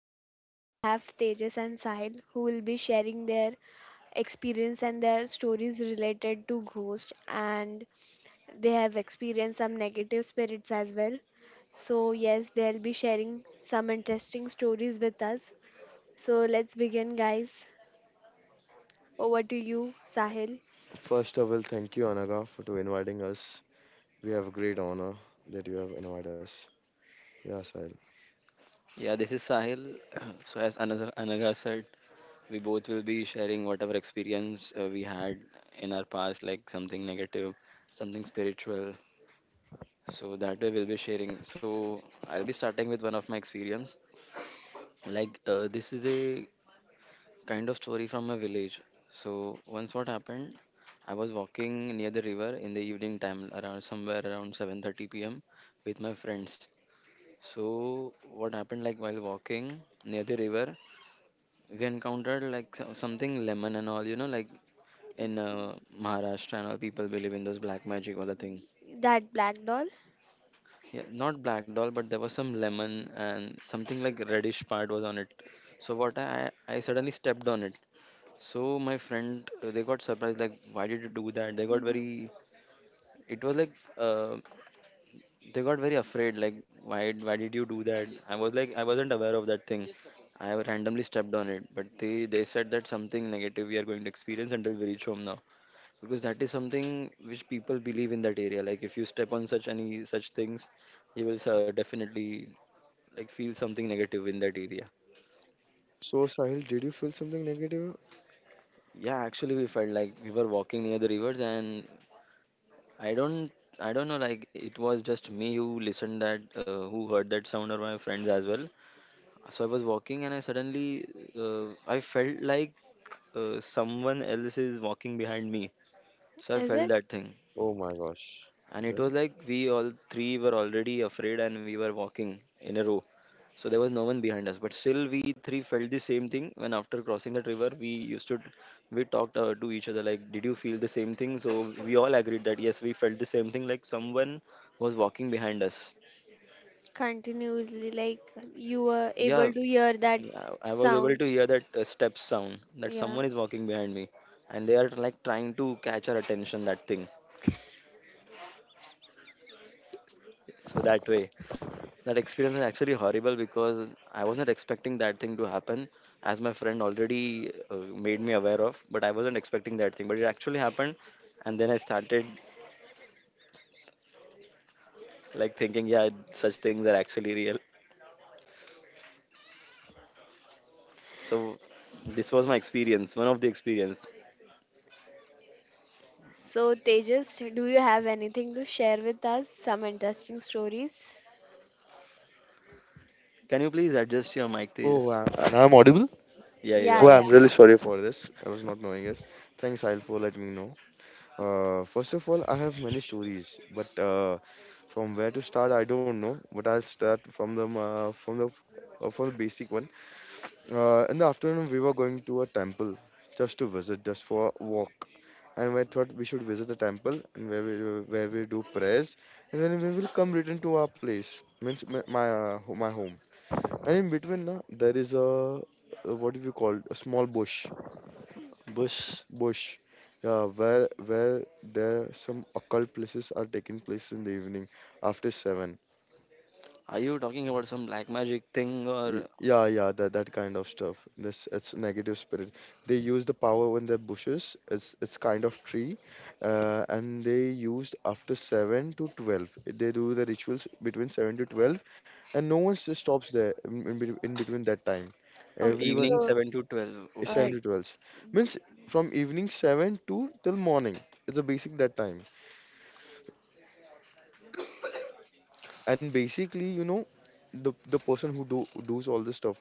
So today we have Tejas and Sahil who will be sharing their experience and their stories related to ghost and they have experienced some negative spirits as well. So yes, they'll be sharing some interesting stories with us. So let's begin guys. Over to you, Sahil. First of all, thank you, Anaga, for to inviting us. We have a great honor that you have invited us. Yeah, Sahil. Yeah, this is Sahil. So, as Anaga said, we both will be sharing whatever experience we had in our past, like something negative, something spiritual. So that way we'll be sharing. So I'll be starting with one of my experience. This is a kind of story from my village. So once what happened, I was walking near the river in the evening time, around somewhere around 7:30 p.m. with my friends. So what happened, like while walking near the river, we encountered like something lemon and all like in maharashtra and all, people believe in those black magic or the thing. That black doll. Yeah, not black doll, but there was some lemon and something like reddish part was on it. So what I suddenly stepped on it. So my friend, they got surprised like, why did you do that? They got Mhm. very, it was like, uh, they got very afraid, like, why did you do that? I was like, I wasn't aware of that thing. I randomly stepped on it, but they said that something negative we are going to experience until we reach home now, because that is something which people believe in that area. Like if you step on such any such things, you will definitely like feel something negative in that area. So, Sahil, did you feel something negative? Yeah, actually we felt like we were walking near the rivers, and i don't I don't know, like it was just me who listened that, who heard that sound, or my friends as well. So I was walking and I suddenly, I felt like, someone else is walking behind me. So I Is felt it? that thing. Oh my gosh. And it was Then? like we all three were already afraid and we were walking in a row. So there was no one behind us, but still we three felt the same thing. When after crossing that river, we talked, to each other like, did you feel the same thing? So we all agreed that yes, we felt the same thing, like someone was walking behind us. Continuously, like, you were Yeah. able to hear that Yeah, I was able sound, to hear that, step sound, that yeah. someone is walking behind me. And they are like trying to catch our attention, that thing. So that way, that experience was actually horrible, because I wasn't expecting that thing to happen, as my friend already, made me aware of, but I wasn't expecting that thing. But it actually happened, and then I started like thinking, yeah, such things are actually real. So this was my experience, one of the experience. So, Tejas, do you have anything to share with us? Some interesting stories? Can you please adjust your mic, Oh, Tejas? I, and I'm audible? Yeah, you Yeah, Oh, are. I'm yeah. really sorry for this. I was not knowing this. Thanks, Sahil, for letting me know. First of all, I have many stories, but from where to start, I don't know. But I'll start from the from the from the basic one. In the afternoon, we were going to a temple just to visit, just for a walk. And we thought we should visit the temple and where we do prayers, and then we will come return to our place, means my home. And in between, na, there is a what do you call a small bush, Bush. bush, yeah, where there some occult places are taking place in the evening after seven. Are you talking about some black magic thing Y- or? Yeah, yeah, that kind of stuff. This it's negative spirit. They use the power in their bushes. It's kind of tree, and they used after seven to twelve. They do the rituals between seven to twelve, and no one stops there in between that time. Okay, Okay, Everyone evening so 7 to 12. is uh, seven to Okay. twelve means from evening seven to till morning. It's a basic that time, and basically, you know, the person who do who does all this stuff.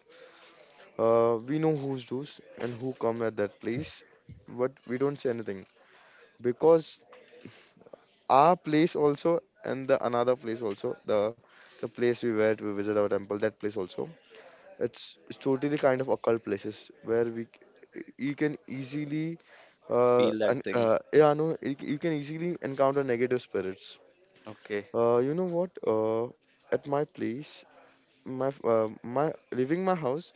We know who's those and who come at that place, but we don't say anything because our place also and the another place also, the place we were to visit our temple, that place also, it's totally kind of occult places where you can easily Feel and that thing? Yeah no, you, you can easily encounter negative spirits. Okay. You know what? At my place, my leaving my house,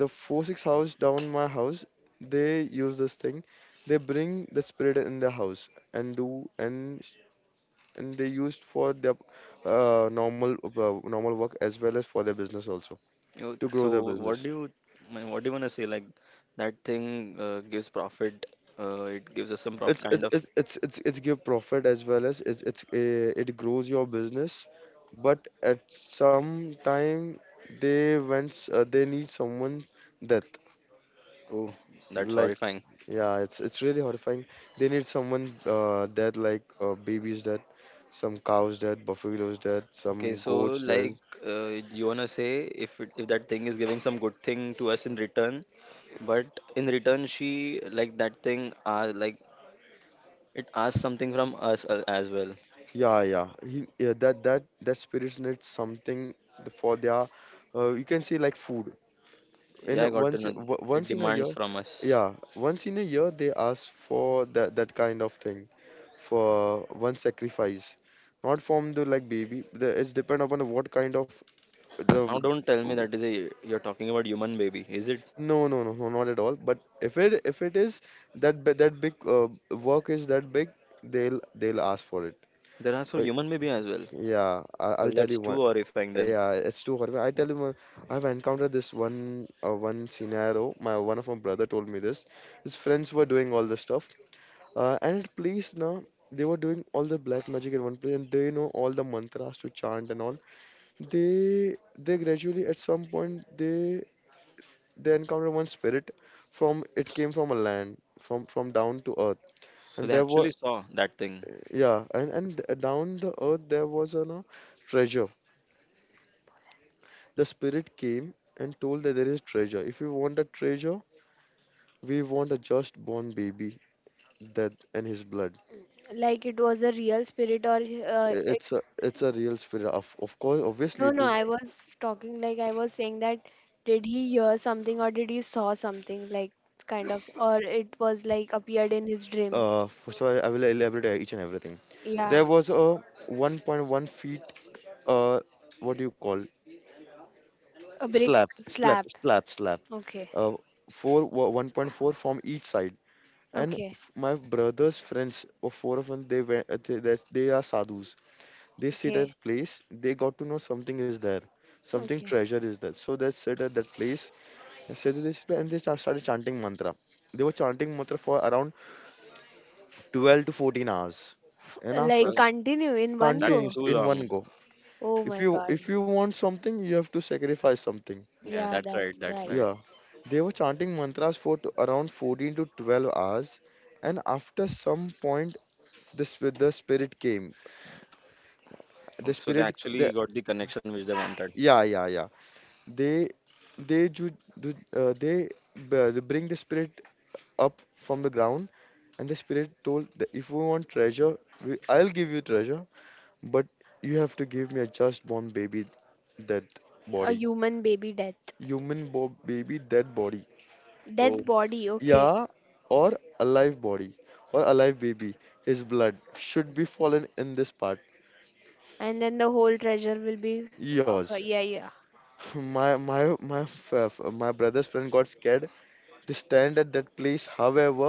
the four six house down my house, they use this thing. They bring the spirit in the house and do and they used for their normal work as well as for their business also, You. to So grow their business. what do you, I mean, what do you want to say? Like, that thing gives profit. It gives us some prof it's kind it's of. it's it's it's, it's give profit as well as it grows your business, but at some time, they need someone Oh, that's death. horrifying. Yeah, it's really horrifying. They need someone dead, like babies dead, some cows dead, buffaloes dead, Okay, some so goats like dead. You wanna say if it, if that thing is giving some good thing to us in return, but in return, she like that thing, like, it asks something from us as well. Yeah, yeah. He, yeah, that spirits need something for their. You can say like food. In Yeah, a, I got to once in- know. It once in a year, demands from us. yeah, once in a year they ask for that kind of thing, for one sacrifice, not from the like baby. The, it's depend upon what kind of Now the. don't tell me that is a, you're talking about human baby, is it? No, no, no, no, not at all. But if it is that big, work is that big, they'll ask for it. There are for I, human baby as well. yeah, I, I'll Well, tell that's you too one. horrifying. Yeah, it's too horrible. I tell you one. I've encountered this one one scenario. My one of my brother told me this. His friends were doing all this stuff, and it pleased now. They were doing all the black magic in one place, and they know all the mantras to chant and all. They gradually at some point they encountered one spirit from it came from a land from down to earth. So And they there were, actually saw that thing. yeah, and down the earth there was a, no, treasure. The spirit came and told that there is treasure. If you want a treasure, we want a just born baby, that and his blood. like it was a real spirit or uh, it, It's a, it's a real spirit. Of course, no obviously it no, is. I was talking, like, I was saying that did he hear something or did he saw something, like, kind of, or it was like appeared in his dream. So I will elaborate each and everything. Yeah. There was a 1.1 feet. Uh, what do you call? A brick Slap, slap, slab. slap, slap. Okay. Uh, 1.4 from each side. Okay. My brother's friends, or four of them, they went. They, they are sadhus. They sit Okay. at place. They got to know something is there, something Okay. treasure is there. So they sit at that place and said that they sit and they started chanting mantra. They were chanting mantra for around 12 to 14 hours, F- and Like 12. Continue in one That's continuous go. too in long. one go. Oh If my you god. if you want something, you have to sacrifice something. Yeah, Yeah, that's right. that's That's right. right. Yeah, they were chanting mantras for around 14 to 12 hours, and after some point, the spirit came. The Okay, so they spirit, actually the, got the connection which they wanted. yeah, yeah, yeah. They they ju- du- they b- they bring the spirit up from the ground, and the spirit told that if you want treasure, I'll give you treasure, but you have to give me a just born baby, dead A body, human baby death. Baby, dead body. Oh, Death body, okay. Yeah, or a live body or a live baby. His blood should be fallen in this part. And then the whole treasure will be of Yours. a, yeah, yeah. My brother's friend got scared. They stand at that place. However,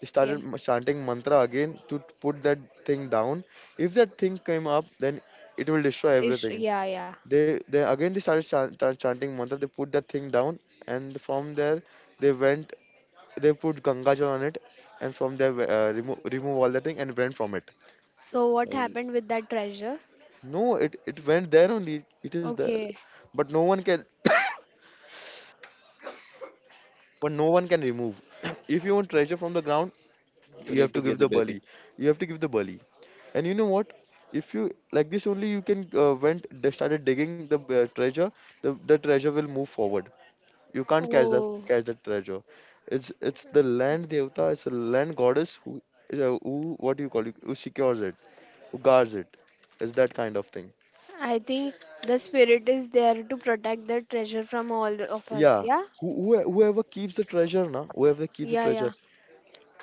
they Yeah. started chanting mantra again to put that thing down. If that thing came up, then it will destroy Ish, everything. yeah, yeah. They again they started chanting mantra. They put that thing down, and from there they went, they put Ganga Jal on it, and from there remove all the thing and went from it. So what well, happened with that treasure? No, it went there only. It is there, Okay. but no one can. But no one can remove. If you want treasure from the ground, you you need have to to give give the the baby. bali. You have to give the bali. And you know what? If you like this only, you can went they started digging the treasure. The treasure will move forward. You can't Oh, catch the treasure. It's the land devata. It's a land goddess who, a, who, what do you call it? Who secures it, who guards it, is that kind of thing. I think the spirit is there to protect the treasure from all of us. Yeah, Yeah? Whoever keeps the treasure, na, whoever keeps the Yeah, treasure yeah.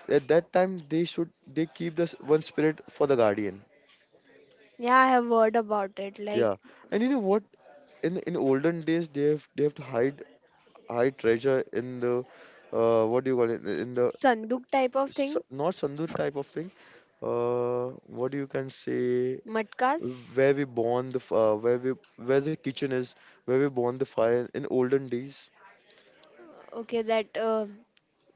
at that time they should, they keep this one spirit for the guardian. Yeah, I have heard about it. Like Yeah, and you know what, in olden days they have, they have to hide hide treasure in the, what do you call it, in the, sanduk type of s- thing, not sandur type of thing, uh what you can say, matkas. where we burn the where we, where the kitchen is, where we burn the fire in olden days. Okay, that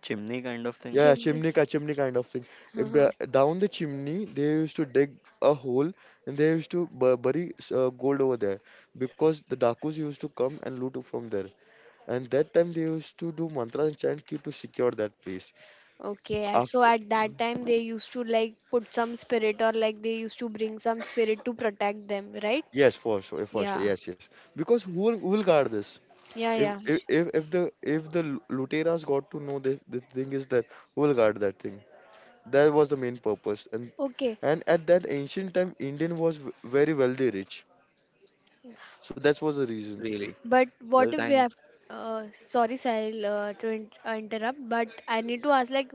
Chimney kind of thing. Yeah, yeah, chimney. chimney, chimney kind of thing. Uh Down the chimney, they used to dig a hole and they used to bury gold over there, because the dakus used to come and loot from there. And that time they used to do mantras and chant ki to secure that place. Okay, and so After, at that time they used to like put some spirit or like they used to bring some spirit to protect them, right? yes, for sure, Yeah, yes, yes. Because who will guard this? yeah, If yeah. if if if the if the luteras got to know the thing is that, who will guard that thing? That was the main purpose. Okay, And at that ancient time, Indian was very wealthy, rich. So that was the reason. Really? but Well, what if we thank. have? Sorry, Sahil, to interrupt, but I need to ask like,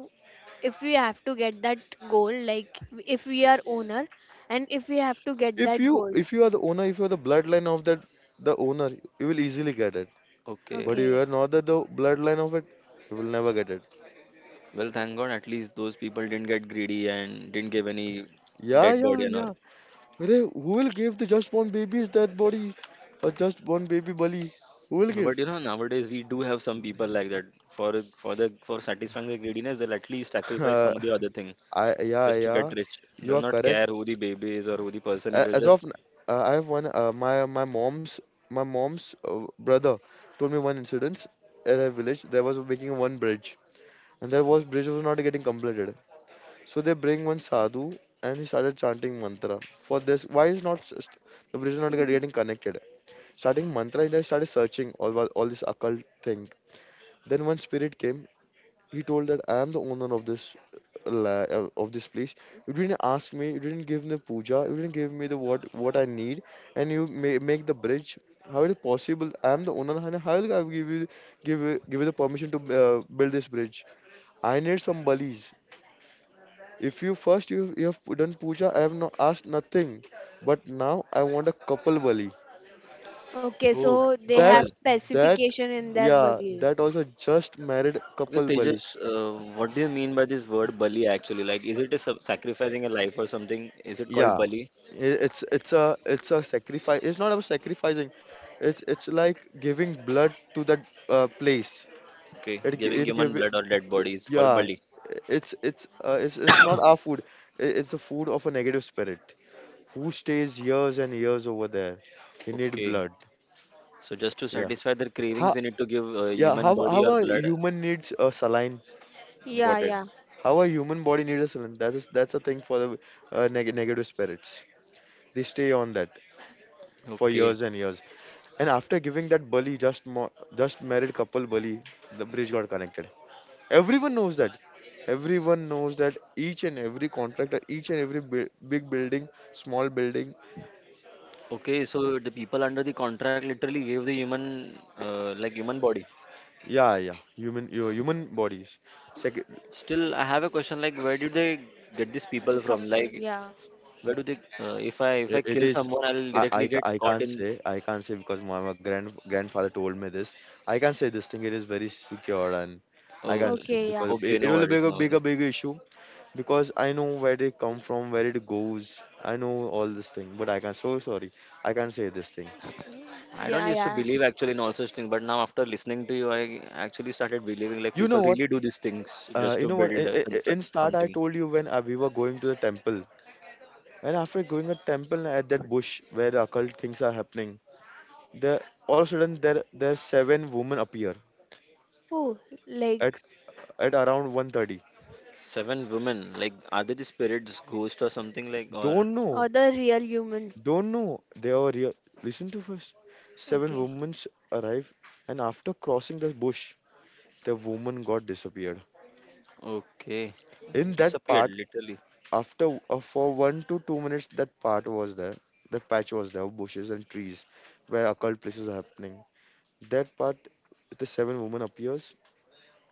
if we have to get that gold, like if we are owner, and if we have to get If that you gold. if you are the owner, if you are the bloodline of that the owner, you will easily get it. Okay. But if you are Okay, not the, the bloodline of it, you will never get it. Well, thank God at least those people didn't get greedy and didn't give any Yeah, dead body yeah, and all. yeah. Arey, who will give the just born baby's dead body or just born baby bali? Who will No, but give? you know, nowadays we do have some people like that. For the for satisfying the greediness, they'll at least sacrifice Uh, some of the other thing. I, yeah, Just to get yeah. rich. You They'll are not correct. care who the baby is or who the person is. A- They'll As just, of n- I have one my my mom's brother told me one incident at a village. There was making one bridge, and that was bridge was not getting completed. So they bring one sadhu and he started chanting mantra. For this, why is not the bridge is not getting connected? Starting mantra, and I started searching all all this occult thing. Then one spirit came. He told that I am the owner of this of this place. You didn't ask me. You didn't give me puja. You didn't give me the what I need, and you make the bridge. How is it possible? I am the owner, and how will I give you give you the permission to build this bridge? I need some balis. If you first you, you have done puja, I have not asked nothing, but now I want a couple bali. okay. oh, So they That couple. have that specification in their yeah, that beliefs. also just married Okay, couple bali. Tejas, what do you mean by this word bali actually? Like, is it a sacrificing a life or something? Is it called Yeah, bali? It's a, it's a sacrifice. It's not about sacrificing. It's like giving blood to that place. Okay, It gi- giving it human give blood or y- dead body is called yeah. bali. It's not our food. It's the food of a negative spirit who stays years and years over there. He need Okay, blood. so just to Yeah. satisfy their cravings, How we need to give Yeah, human how body how or a blood. human needs a saline. Yeah, Got it. yeah. How a human body needs a saline. That's a thing for the negative spirits. They stay on that for Okay. years and years. And after giving that bali, just married couple bali, the bridge got connected. Everyone knows that. Everyone knows that each and every contractor, each and every bu big building, small building, Okay, so the people under the contract literally gave the human, like human body. yeah, yeah, human, your human bodies. Sec Still, I have a question like, where do they get these people from? Couple, Like, yeah. where do they? If I, if I It kill is. someone, I'll directly get I caught can't in. say. I can't say because my grandfather told me this. I can't say this thing. It is very secure, and I Oh, can't say Okay, yeah. because okay, it no will be worries, a no big, a worries. big issue because I know where they come from, where it goes. I know all this thing, but I can't. So sorry. I can't say this thing. I Yeah, don't used to yeah. believe actually in all such things, but now after listening to you, I actually started believing like You know people what? really do these things just You to know what? Build, In construct start, I something. told you when we were going to the temple, and after going to temple at that bush where the occult things are happening, there all of a sudden there seven women appear Oh, like at around 1:30. Seven women, like, are they the spirits, ghost or something like, or Don't know, other real human. don't know. They are real. Listen to first. Seven Okay. women arrive, and after crossing the bush, the woman got disappeared. okay, In that disappeared part, literally. after for 1 to 2 minutes, that part was there. That patch was there, bushes and trees, where occult places are happening. That part, the seven women appears,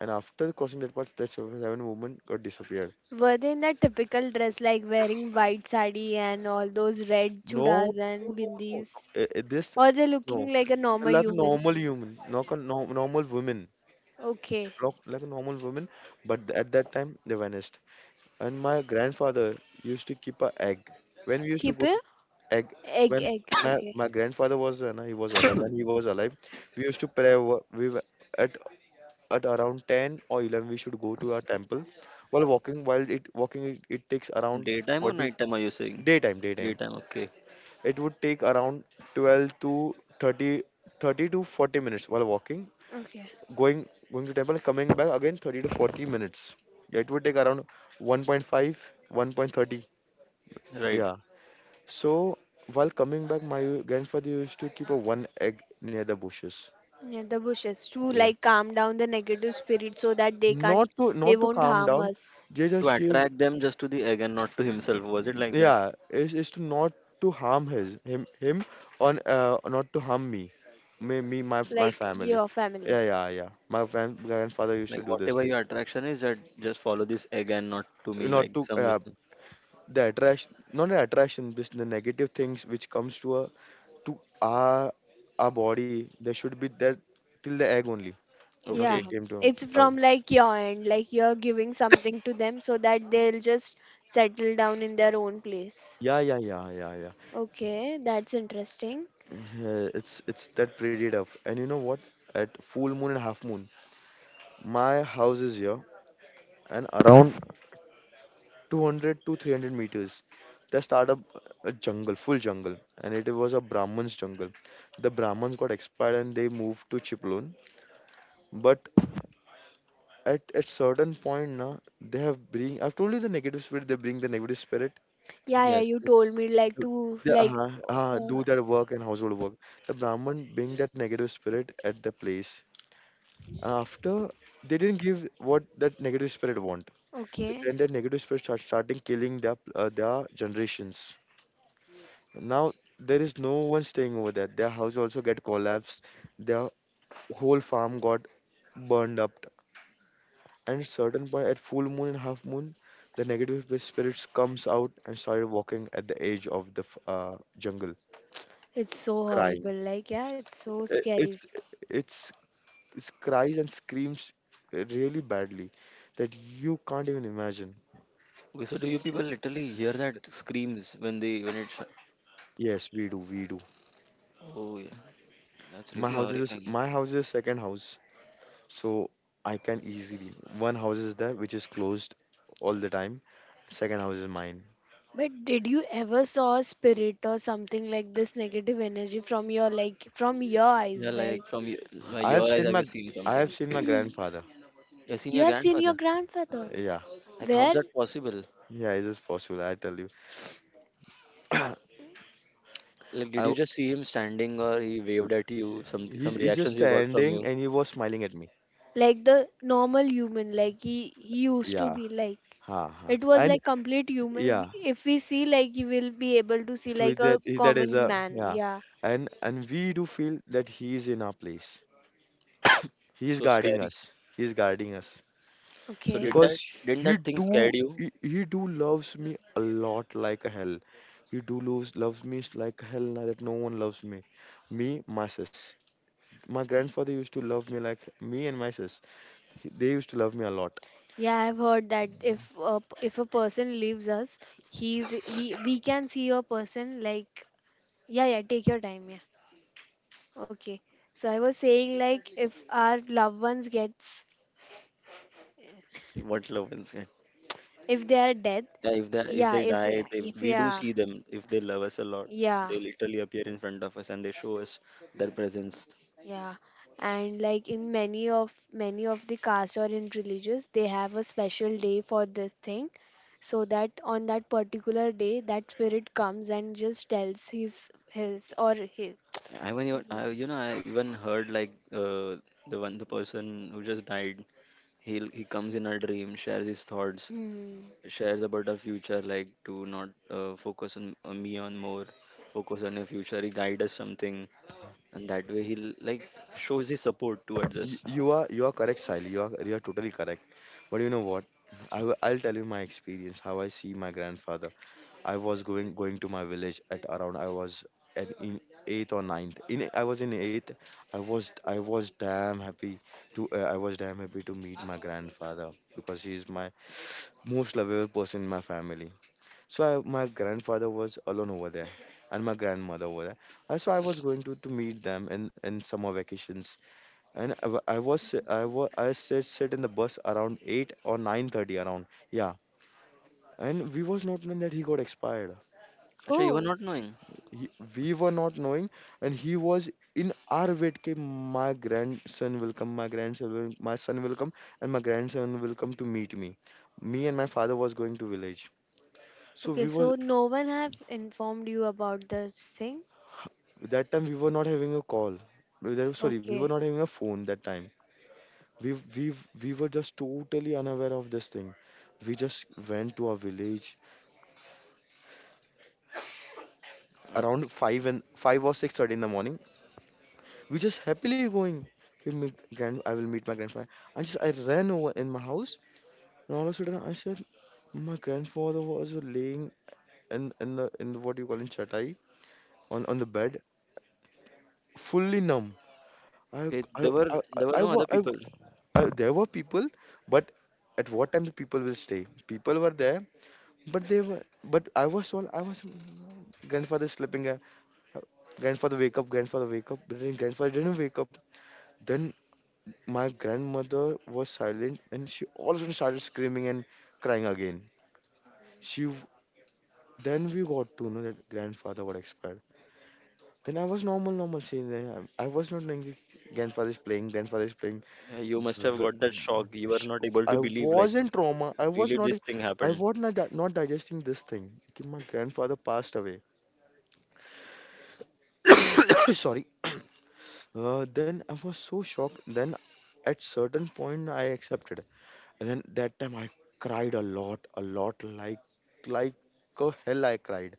and after crossing that part, that seven women got disappeared. Were they in that typical dress like wearing white sari and all those red No, chudas no, and no, no. bindis? Eh, eh, This, Or they looking no. like a normal Like a human? normal human, not a, no, normal woman, Okay. like a normal woman. But at that time, they vanished. And my grandfather used to keep a egg. When we used to Keep go it? to egg, Egg, when egg. my Okay. my grandfather was, no, he was alive. When he was alive, we used to pray. We were at at around 10 or 11, we should go to our temple. While walking, it takes around Daytime or 40. nighttime? Are you saying? Daytime, daytime. Daytime, okay, It would take around 12 to 30, 30 to 40 minutes while walking, Okay. going going to temple, coming back again 30 to 40 minutes. Yeah, it would take around 1.5, 1:30. right. Yeah. So while coming back, my grandfather used to keep a one egg near the bushes. Yeah, the bushes to Yeah. like calm down the negative spirit so that they can't, Not to they not to won't calm harm down. us, They To just give. attract them just to the egg and not to himself, was it like that? Yeah, is to not to harm his him, on not to harm me, my like family. your family. Yeah, yeah, yeah. My grandfather used to Like, do this whatever thing. your attraction is, that just follow this egg and not to me, Not like to some with. The attraction, not the attraction, just the negative things which comes to a to our body. They should be there till the egg only, not to Yeah, Okay. came to. it's from like your end, like you're giving something to them so that they'll just settle down in their own place. Yeah, yeah, yeah, yeah, yeah. Okay, that's interesting. Yeah, it's that pretty tough. And you know what? At full moon and half moon, my house is here, and around 200 to 300 meters. They started a jungle, full jungle, and it was a Brahmins jungle. The Brahmins got expired and they moved to Chiplun. But at certain point, na, they have bring. I've told you the negative spirit. They bring the negative spirit. Yeah, yeah, Yes. you told me like to- to They like do uh, their work and household work. The Brahman bring that negative spirit at the place. After they didn't give what that negative spirit want. okay. Then that negative spirit starting killing their generations. Now there is no one staying over there. Their house also get collapsed. Their whole farm got burned up. And certain point at full moon and half moon, the negative spirits comes out and started walking at the edge of the jungle, It's so horrible. crying. Like yeah, it's so I- It's scary. it's it's cries and screams really badly that you can't even imagine. Okay, so do you people literally hear that screams when they when Yes, we do, we do. oh, yeah. That's really horrifying. My house is a second house. So I can easily. One house is there which is closed all the time. Second house is mine. But did you ever saw a spirit or something like this negative energy from your like from your eyes? Yeah, Like like from your, like I have your eyes, have seen you my seen I something? have seen my grandfather. You've seen you your have seen your grandfather. grandfather. Yeah, Like, how's Where? that possible? yeah, it is possible. I tell you, I Like, did you w- just see him standing, or he waved at you, he some he's just reactions you got from standing you? and he was smiling at me. Like the normal human, like he used to Yeah, be like ha ha. it was And like complete human, yeah, if we see like you will be able to see to like a that is common a man, yeah, yeah. and we do feel that he is in our place. He is So guarding scary. us. He is guarding us. So Okay. did Because that, didn't he that thing do scared you? he do loves me a lot like hell. He do loves me like hell. Now that no one loves me, me, my sis, my grandfather used to love me like me and my sis. They used to love me a lot. Yeah, I've heard that if a person leaves us, he's he we can see a person like, yeah, yeah, take your time, yeah. Okay, so I was saying like if our loved ones gets, What love and sin? if they are dead, Yeah, if they, if yeah, they if die, yeah, they, if we do yeah, see them. If they love us a lot, yeah. they literally appear in front of us and they show us their presence. Yeah, and like in many of the caste or in religious, they have a special day for this thing, so that on that particular day, that spirit comes and just tells his or his. I even, even I, you know, I even heard like, the one, the person who just died. He comes in our dream, shares his thoughts, Hmm. shares about our future. Like to not focus on me on more, focus on your future. He guide us something, and that way he like shows his support towards You, us. you are you are correct, Sally. You are totally correct. But you know what? I'll tell you my experience, how I see my grandfather. I was going to my village at around, I was at in eighth or ninth. In I was in eighth. I was I was damn happy I was damn happy to meet my grandfather because he is my most lovable person in my family. So my grandfather was alone over there and my grandmother over there. And so I was going to meet them in summer vacations, and I, wa- I was I was I sit in the bus around 8 or 9:30 around, yeah, and we was not knowing that he got expired. Actually, you were Oh, not knowing. he, we were not knowing, and he was in our wait, ke, my grandson will, my son will come, and my grandson will come to meet me. Me and my father was going to village, so okay. we was. So no one have informed you about this thing. That time we were not having a call. Sorry, we were Okay. not having a phone that time. We we we were just totally unaware of this thing. We just went to our village around 5 and 5 or 6:30 in the morning. We just happily going. Okay, I will meet my grandfather. I ran over in my house, and all of a sudden I said, my grandfather was laying in the, what do you call, in chatai, on the bed, fully numb. I Okay, I there were I, no wa- other people. I There were people, but at what time the people will stay? People were there, but they were, but I was all, I was grandfather sleeping. Grandfather wake up, grandfather wake up, but then grandfather didn't wake up. Then my grandmother was silent and she also started screaming and crying again. She w- then we got to know that grandfather got expired. Then I was normal, normal, saying that I was not knowing that grandfather is playing, grandfather is playing. You must have V- got that shock. You were sh- not able I to believe, like, was in trauma. I was really, not. this thing I happened. was not digesting this thing. Okay, my grandfather passed away. Sorry. Then I was so shocked. Then at certain point I accepted. And then that time I cried a lot, like a hell I cried.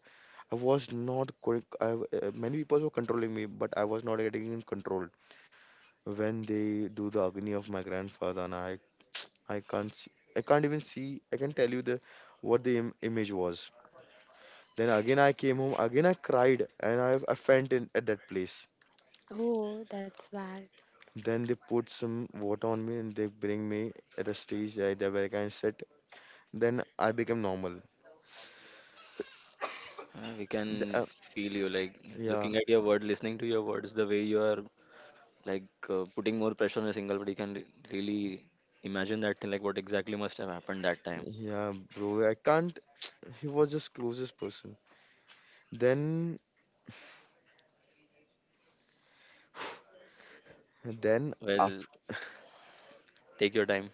I was not quick. Many people were controlling me, but I was not getting in control. When they do the agony of my grandfather, and I can't see, I can't even see. I can tell you the what the Im- image was. Then again I came home. Again I cried, and I fainted in at that place. Oh, that's bad. Then they put some water on me, and they bring me at a stage, there where I can sit. Then I become normal. We can The- uh, feel you, like, yeah. looking at your word, listening to your words, the way you are, like, putting more pressure on a single word. You can really imagine that thing, like, what exactly must have happened that time. Yeah, bro, I can't. He was just closest person. Then, then, after, Well, take your time.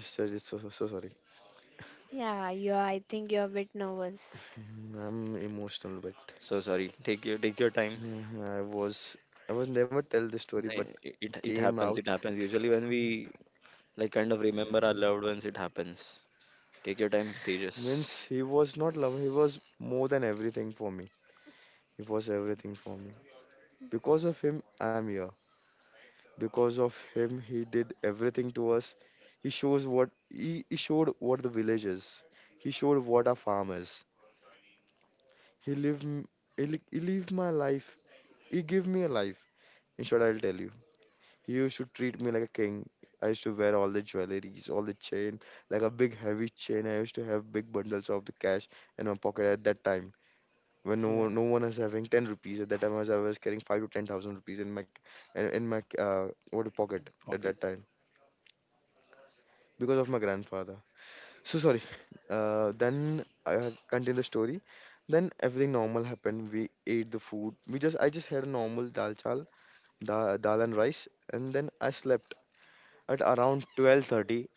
sorry, so sorry. Yeah, you. I think you're a bit nervous. I'm emotional, but So sorry. Take your, take your time. uh, I was, I was never tell this story, Eh, but It it, it it came out. happens. It happens. Usually, when we like kind of remember our loved ones, it happens. Take your time, Tejas. Means he was not love. He was more than everything for me. He was everything for me. Because of him, I'm here. Because of him, he did everything to us. He showed what the village is. He showed what a farm is. He lived, m- he lived my life. He gave me a life. In short, I'll tell you. He used to treat me like a king. I used to wear all the jewelries, all the chain, like a big heavy chain. I used to have big bundles of the cash in my pocket at that time. When no Yeah. one, no one was having 10 rupees at that time, I was carrying 5 to 10,000 rupees in my what pocket at Pocket. that time because of my grandfather. So sorry. Then I have continued the story. Then everything normal happened. We ate the food. We just I just had a normal dal chal, dal and rice, and then I slept at around 12:30.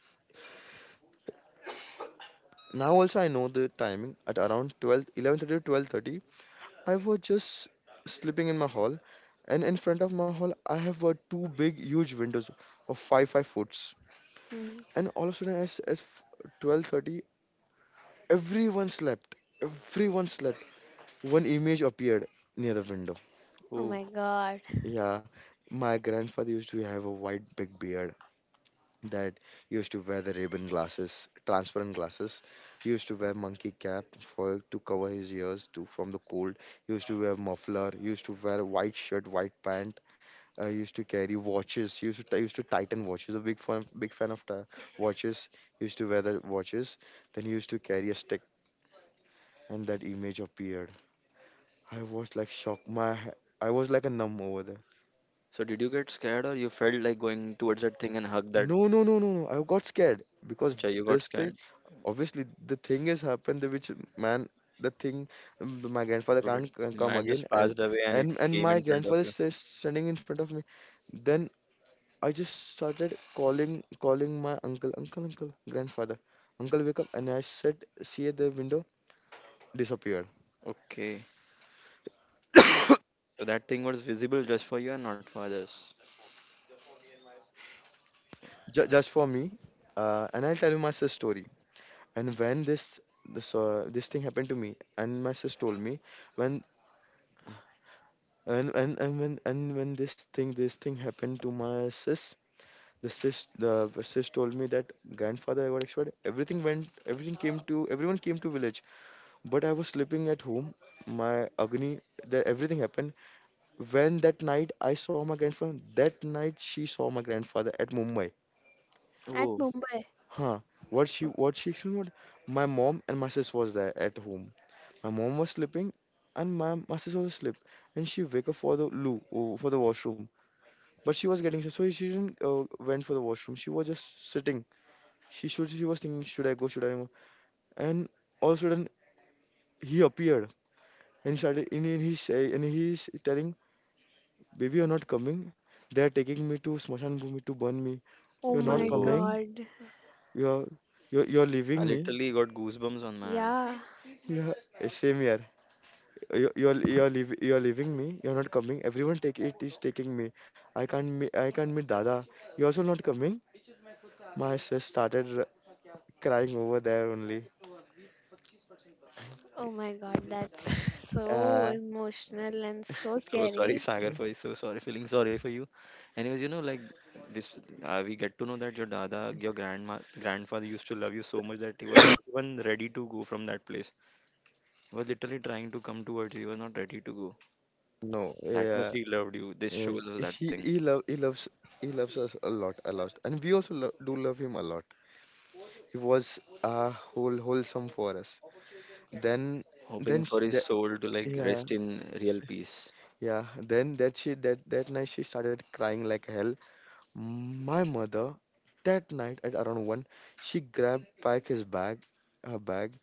Now also I know the timing at around 12, 11:30 to 12:30. I was just sleeping in my hall, and in front of my hall I have two big huge windows of five foots, Hmm. and all of a sudden as 12:30 everyone slept. Everyone slept. One image appeared near the window. Oh Oh. my God. Yeah, my grandfather used to have a white big beard that used to wear the ribbon glasses, transparent glasses. He used to wear monkey cap for to cover his ears to from the cold. He used to wear muffler. He used to wear white shirt, white pant. He used to carry watches. He used to used to tighten watches. A big fan, big fan of watches. He used to wear the watches. Then he used to carry a stick, and that image appeared. I was like shocked. My I was like a numb over there. So did you get scared or you felt like going towards that thing and hug that No, no, no, no, no. I got scared because child? You got this thing, scared. obviously, the thing has happened, the which man, the thing, my grandfather You can't did. c- The come man again, just and passed away and it and came my in front of grandfather you. is standing in front of me. Then I just started calling, calling my uncle, uncle, uncle, grandfather, uncle, wake up, and I said, see at the window disappeared. Okay. So that thing was visible just for you and not for others. Just for me, and I'll tell you my sis story. And when this thing happened to me, and my sis told me when and when this thing happened to my sis, the sis told me that grandfather I got expired, everything went, everything came to, everyone came to village, but I was sleeping at home. My agni, that everything happened. When that night I saw my grandfather, that night she saw my grandfather at Mumbai. At Oh. Mumbai. Huh, what she, what she explained, what, my mom and my sis was there at home. My mom was sleeping, and my sis also slept, and she wake up for the loo, oh, for the washroom. But she was getting so she didn't went for the washroom. She was just sitting. She should she was thinking, should I go? Should I go? And all of a sudden he appeared and started in his and he's telling, baby, you're not coming. They're taking me to Smashan Bhumi to burn me. Oh You're not my Oh. coming. God. You're you're I leaving me. literally got goosebumps on my hand. Yeah. Yeah, eh, same here. You you're leaving me. You're not coming. Everyone take it is taking me. I can't meet Dada. You're also not coming. My sis started crying over there only. Oh Like, my god, that's so Uh, emotional and so so sorry, scary. Sagar, for, so sorry, feeling sorry for you. Anyways, you know, like this, we get to know that your dada, your grandma, grandfather used to love you so much that he was not even ready to go from that place. He was literally trying to come towards you. He was not ready to go. No, That much yeah, he loved you. This yeah. shows us that He thing. he love he loves, he loves us a lot, and we also lo do love him a lot. He was whole wholesome for us. Then Hoping then sh for his that soul to like yeah rest in real peace. yeah. Then that she that that night she started crying like hell. My mother, that night at around one, she grabbed back his bag, her bag,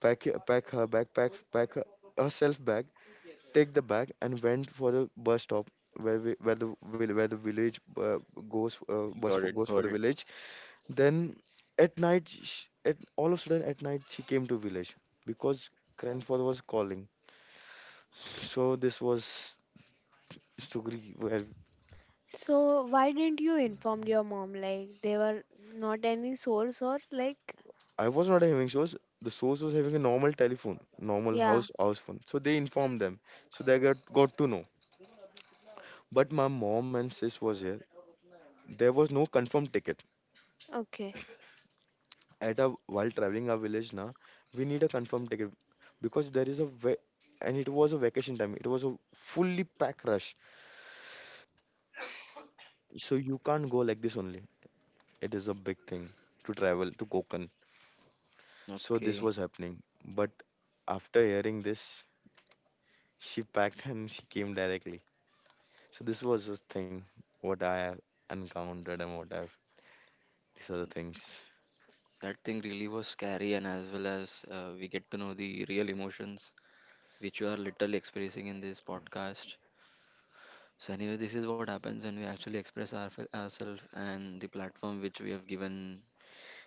pack her backpack, pack her, herself back, take the bag and went for the bus stop where we, where the where the village goes bus Got for, it. goes for Got the it. village. Then at night, sh at all of a sudden at night she came to village because grandfather was calling. So this was story where So why didn't you inform your mom? Like they were not any source or like, I was not having source. The source was having a normal telephone, normal yeah, house phone. So they informed them. So they got to know. But my mom and sis was here. There was no confirmed ticket. okay. At a while traveling our village, na, we need a confirmed ticket because there is a ve, and it was a vacation time, it was a fully packed rush, so you can't go like this only. It is a big thing to travel to Konkan. So this Okay. was happening, but after hearing this she packed and she came directly. So this was the thing what I have encountered and what I've, these are the things. That thing really was scary, and as well as we get to know the real emotions which you are literally expressing in this podcast. So, anyways, this is what happens when we actually express our, ourselves and the platform which we have given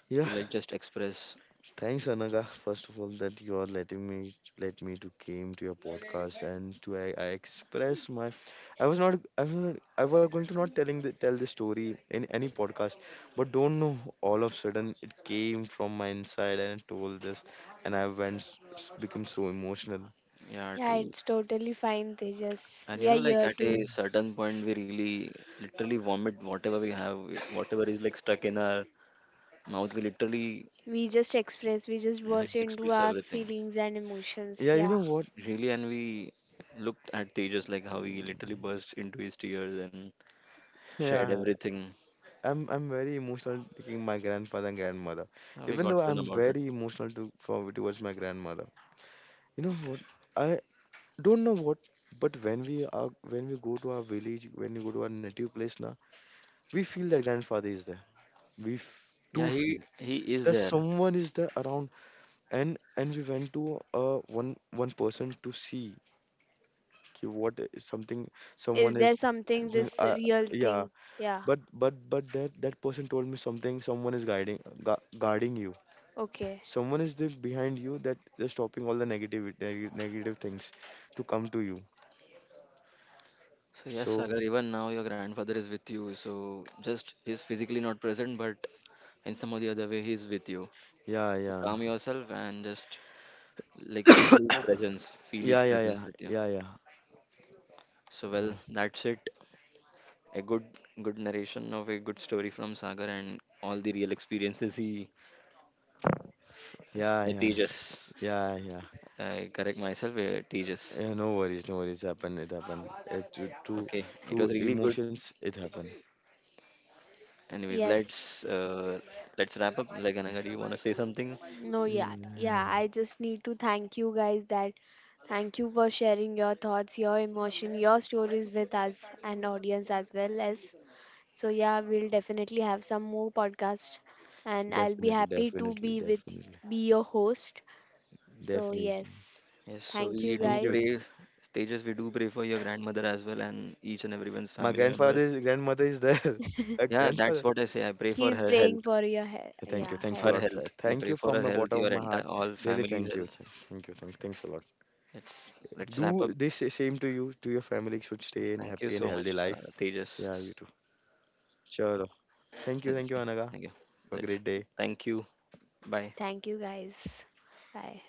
Yeah, to like just express. thanks, Anaga, first of all, that you are letting me let me to came to your podcast and to I express my. I was not, I was going to not telling the, tell the story in any podcast, but don't know all of sudden it came from my inside and I told this, and I went become so emotional. Yeah, Yeah, true. it's totally fine, Tejas. And We you are know, like here at to a certain point, we really literally vomit whatever we have, whatever is like stuck in our mouth. We literally we just express, we just burst into express our everything, feelings and emotions. Yeah, you know Yeah. what? really. And we looked at Tejas like how he literally burst into his tears and shared Yeah, everything. I'm very emotional taking my grandfather and grandmother, How we even though got to know I'm about it. very emotional to for towards my grandmother. You know what? I don't know what, but when we are, when we go to our village, when we go to our native place now, we feel that grandfather is there. We Yeah, do he feel he is that there. someone is there around, and we went to one person to see ki what is something someone Is is there something doing, this real yeah. thing? Yeah. But that that person told me something, someone is guiding guarding you, Okay. someone is there behind you that they're stopping all the negative negative things to come to you. So yes, So Sagar, even now your grandfather is with you. So just he's physically not present, but in some or the other way he's with you. yeah, So yeah. calm yourself and just like feel Yeah, his yeah, presence yeah, with you. yeah, yeah, So uh, well, that's it. A good, good narration of a good story from Sagar and all the real experiences he yeah, yeah, Tejas. yeah, yeah. I correct myself, Tejas. Yeah, no worries, no worries. Happen. It Okay, it to was really good. emotions, it happen. Anyways, Yes. Let's wrap up. Like, Ananga, do you want to say something? No, yeah, yeah. Mm, I just need to thank you guys that thank you for sharing your thoughts, your emotion, your stories with us and audience as well as. So yeah, we'll definitely have some more podcasts, and I'll be definitely, happy to definitely, be with definitely, be your host. So definitely. yes, Yes. So thank Yes, you we do thank you. guys. pray, Tejas. We do pray for your grandmother as well and each and everyone's My family grandfather, members. is, grandmother is there. A Yeah, that's grandfather. what I say. I pray for He's her praying health. for your he- Yeah, thank yeah you. Thanks a Her lot health. for health. that. We Thank pray you for her from the health. bottom Your of my entire heart. all Really, family's thank you. health. Thank you. Thanks a lot. Let's let's wrap up. Do this same to you, to your family. Should Yes, stay in thank you happy and so much, healthy life. Yeah, Tejas. you too. Sure. Thank you. Let's Thank think. you, Anaga. Thank you. Have a Let's great day. thank you. Bye. Thank you guys. Bye.